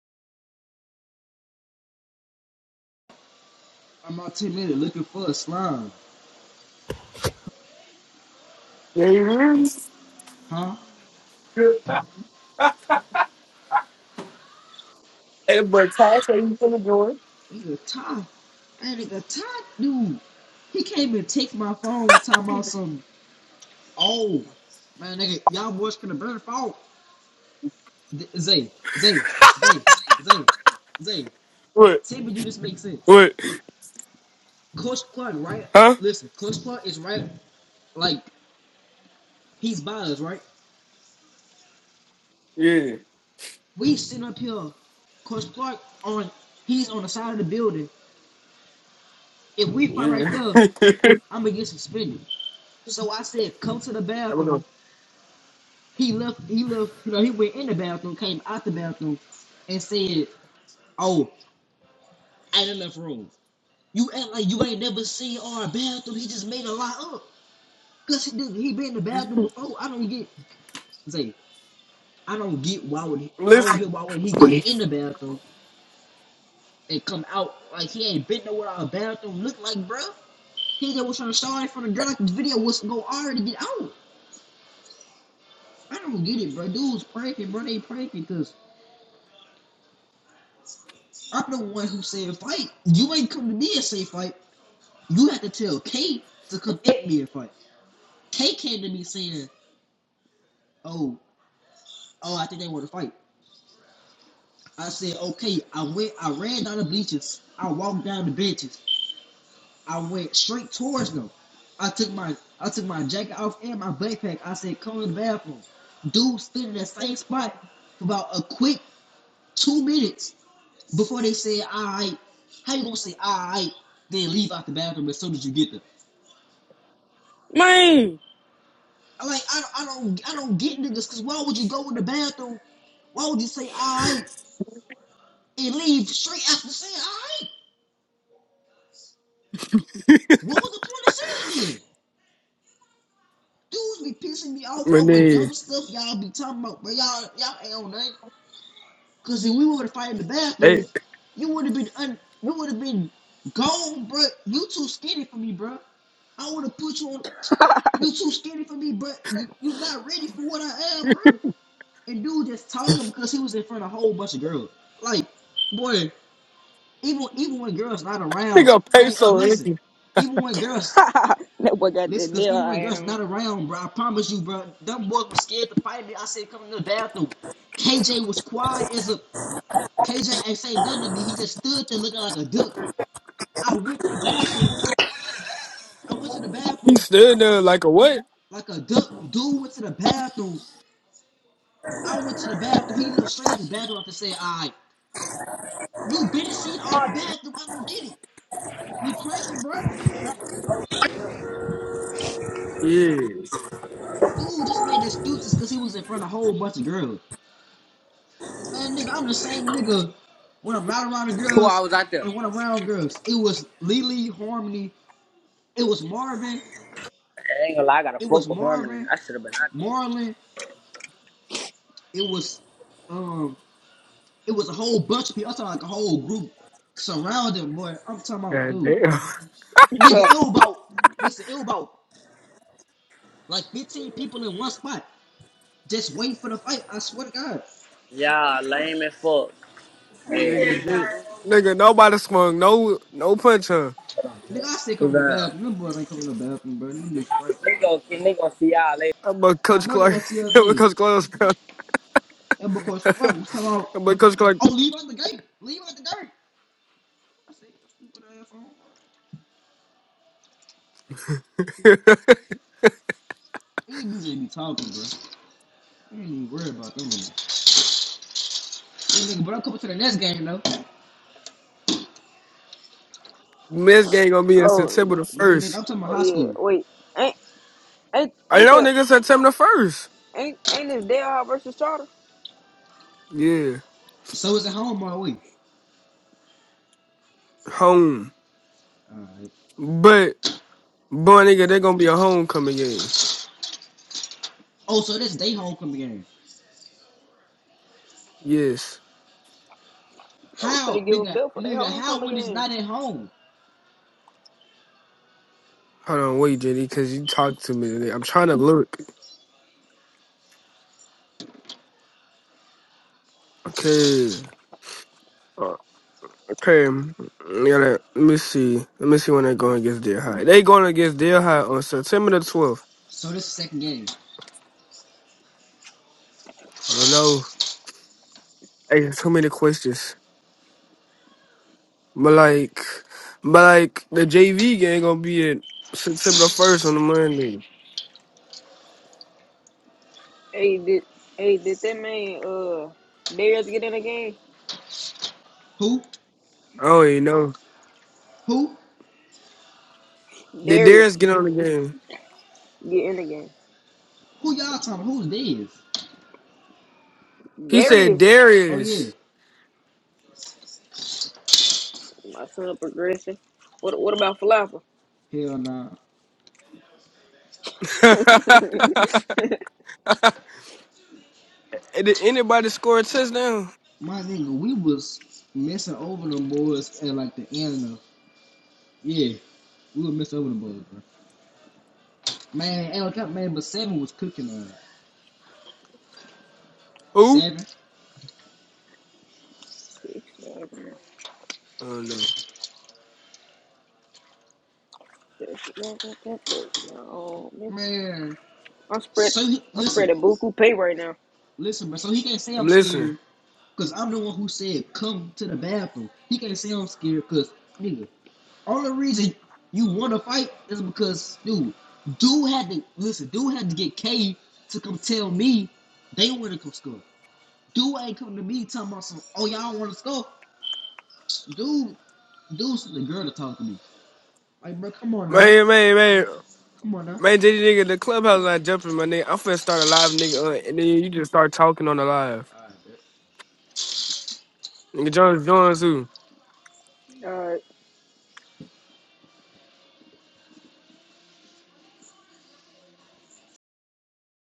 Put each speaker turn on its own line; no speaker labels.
I'm out ten minutes looking for a slime,
Yeah,
huh?
Hey, but Ty say you finna join.
Nigga, Ty, that nigga Ty, dude, he can't even take my phone. Time out some. Oh, man, nigga, y'all boys gonna burn phone. Zay, Zay, Zay, Zay, Zay.
What?
Tell me, do this make sense?
What?
Coach Clark, right?
Huh?
Listen, Coach Clark is right. Like he's by us, right?
Yeah,
We sitting up here. Coach Clark on, he's on the side of the building. If we fight right
yeah.
there,
I'm
I'm gonna get suspended. So I said, "Go to the
gonna
bathroom." He left. He left. You know, he went in the bathroom, came out the bathroom, and said, "Oh, ain't enough room." You act like you ain't never seen our bathroom. He just made a lie up. Cause he did, he been in the bathroom before. I don't get. Say, I don't get why would he, I don't get
listen,
why would he go in
Please.
the bathroom and come out like he ain't been nowhere. Our bathroom look like, bro. He just was trying to start from the girl like the video was gonna already get out. I don't get it, bro. Dude's pranking, bro. They pranking cause. I'm the one who said fight. You ain't come to me and say fight. You had to tell K to come at me and fight. K came to me saying, "Oh, oh, I think they want to fight." I said, "Okay." I went. I ran down the bleachers. I walked down the benches. I went straight towards them. I took my I took my jacket off and my backpack. I said, "Come to the bathroom." Dude stood in that same spot for about a quick two minutes before they said, "All right." How you gonna say "All right"? Then leave out the bathroom as soon as you get there.
Man,
Like I, I don't I don't get niggas because why would you go in the bathroom? Why would you say alright and leave straight after saying alright? What was the point of saying it then? Dudes be pissing me off
my
over
nigga.
dumb stuff y'all be talking about, but y'all y'all ain't on nothing. Cause if we would have fight in the
Hey,
bathroom, you would have been un, you would have been gone, bruh. You too skinny for me, bruh. I would have put you on. You too skinny for me, bruh. You you not ready for what I am, bruh. And dude just told him because he was in front of a whole bunch of girls. Like, boy, even even when girls not around,
nigga,
man. Oh,
peso, ain't
listen,
he?
even when girls
that boy got
listen,
that
because
deal
even
I
when
had
girls
on.
not around, bro, I promise you, bro, them boys was scared to fight me. I said, come in the bathroom. KJ was quiet as a KJ ain't say nothing to me. He just stood there looking like a duck. I went to the bathroom. I went to the
He
bathroom
stood there like a what?
like a duck. Dude went to the bathroom. I went to the bathroom. He looked straight at the bathroom after saying, "All right, you been seen our bathroom. I don't get it." You pranking, bro?
Yes.
Dude just made excuses because he was in front of a whole bunch of girls. Man, nigga, I'm the same nigga when I'm not around the
Who I
girls
was out there?
and when I'm around girls. It was Lily Harmony. It was Marvin.
I ain't gonna lie, I got a
It was
fuck with Harmony.
Marvin.
I should have been out there.
Marlon. It was um. It was a whole bunch of people. I'm talking like a whole group surrounding boy. I'm talking about
God
dude.
damn,
Nigga, it was about listen. It was about like 15 people in one spot just waiting for the fight. I swear to God.
Yeah, lame as fuck. Yeah.
nigga, did nigga, nobody swung, no, no punch, huh?
Nigga, I still
What's
come to the
up?
bathroom. Them boys ain't coming to the bathroom, bro. You need Frank,
They
bro.
gon' they going see y'all later.
But
I
Coach
know they
Clark,
gonna see us
but
later.
Coach Clark,
And because
was-
Frank was talking about,
but Coach Clark,
oh, leave out the gate. Leave out the gate. I said, you stupid ass on. These dudes just be talking, bro. You ain't even worried about them. Nigga. Hey, nigga, but I'm coming to the next game, though.
Mets game gonna be in
oh,
September the
Man, nigga,
first.
I'm talking about
oh
high
yeah.
school.
Wait, ain't ain't
I
ain't
know,
the
nigga, September the first.
ain't ain't this Dale versus Charter?
Yeah,
So it's at home all the way.
home.
Alright.
But boy, nigga, they're gonna be a homecoming game.
Oh, so this day homecoming game.
Yes.
Oh, we
How,
finna give them
nigga,
Bill for their
nigga, how
homecoming
when it's
game.
not at home?
Hold on, wait, JD, because you talked to me I'm trying to look. Okay. Uh, Okay. Mm, Yeah, let let me see. Let me see when they're going against Deer High. They going against Deer High on September the 12th.
So this is the second game.
I don't know. Hey, there's too many questions. But like, but like the JV game gonna be at September the first on the Monday.
Hey, did hey did that man uh Darius get in the game?
Who?
I don't even know.
Who?
Did Darius
Darius
get on the game?
get in the game.
Who y'all talking about? Who's theirs?
He said
Darius,
Oh, yeah.
Darius.
my son of progression. What what about Falafel?
Hell nah.
Hey, Did anybody score a touchdown?
My nigga, we was messing over them boys at like the end of yeah. We were messing over the boys, bro. Man, ain't no cap, man, but seven was cooking on it.
Who?
seven.
Six, seven,
I don't know.
six, eleven, ten, plus, um,
Man,
I'm spread.
so he,
I'm spread
listen,
spreading buku pay right now.
listen, bro. So he can't say
I'm
I'm
listening.
scared because I'm the one who said come to the bathroom. He can't say I'm scared because nigga, only reason you want to fight is because dude, dude had to listen. Dude had to get K to come tell me they want to come score. Dude ain't coming to me talking about some, oh, y'all want to score. Dude, dude's the girl to talk to me. Like, bro, come on now.
Man, man, man,
Come on
man, JD nigga, the clubhouse not jumping, my nigga. I'm finna start a live, nigga, uh, and then you just start talking on the live.
now.
Nigga, Jones, Jones, who?
All right.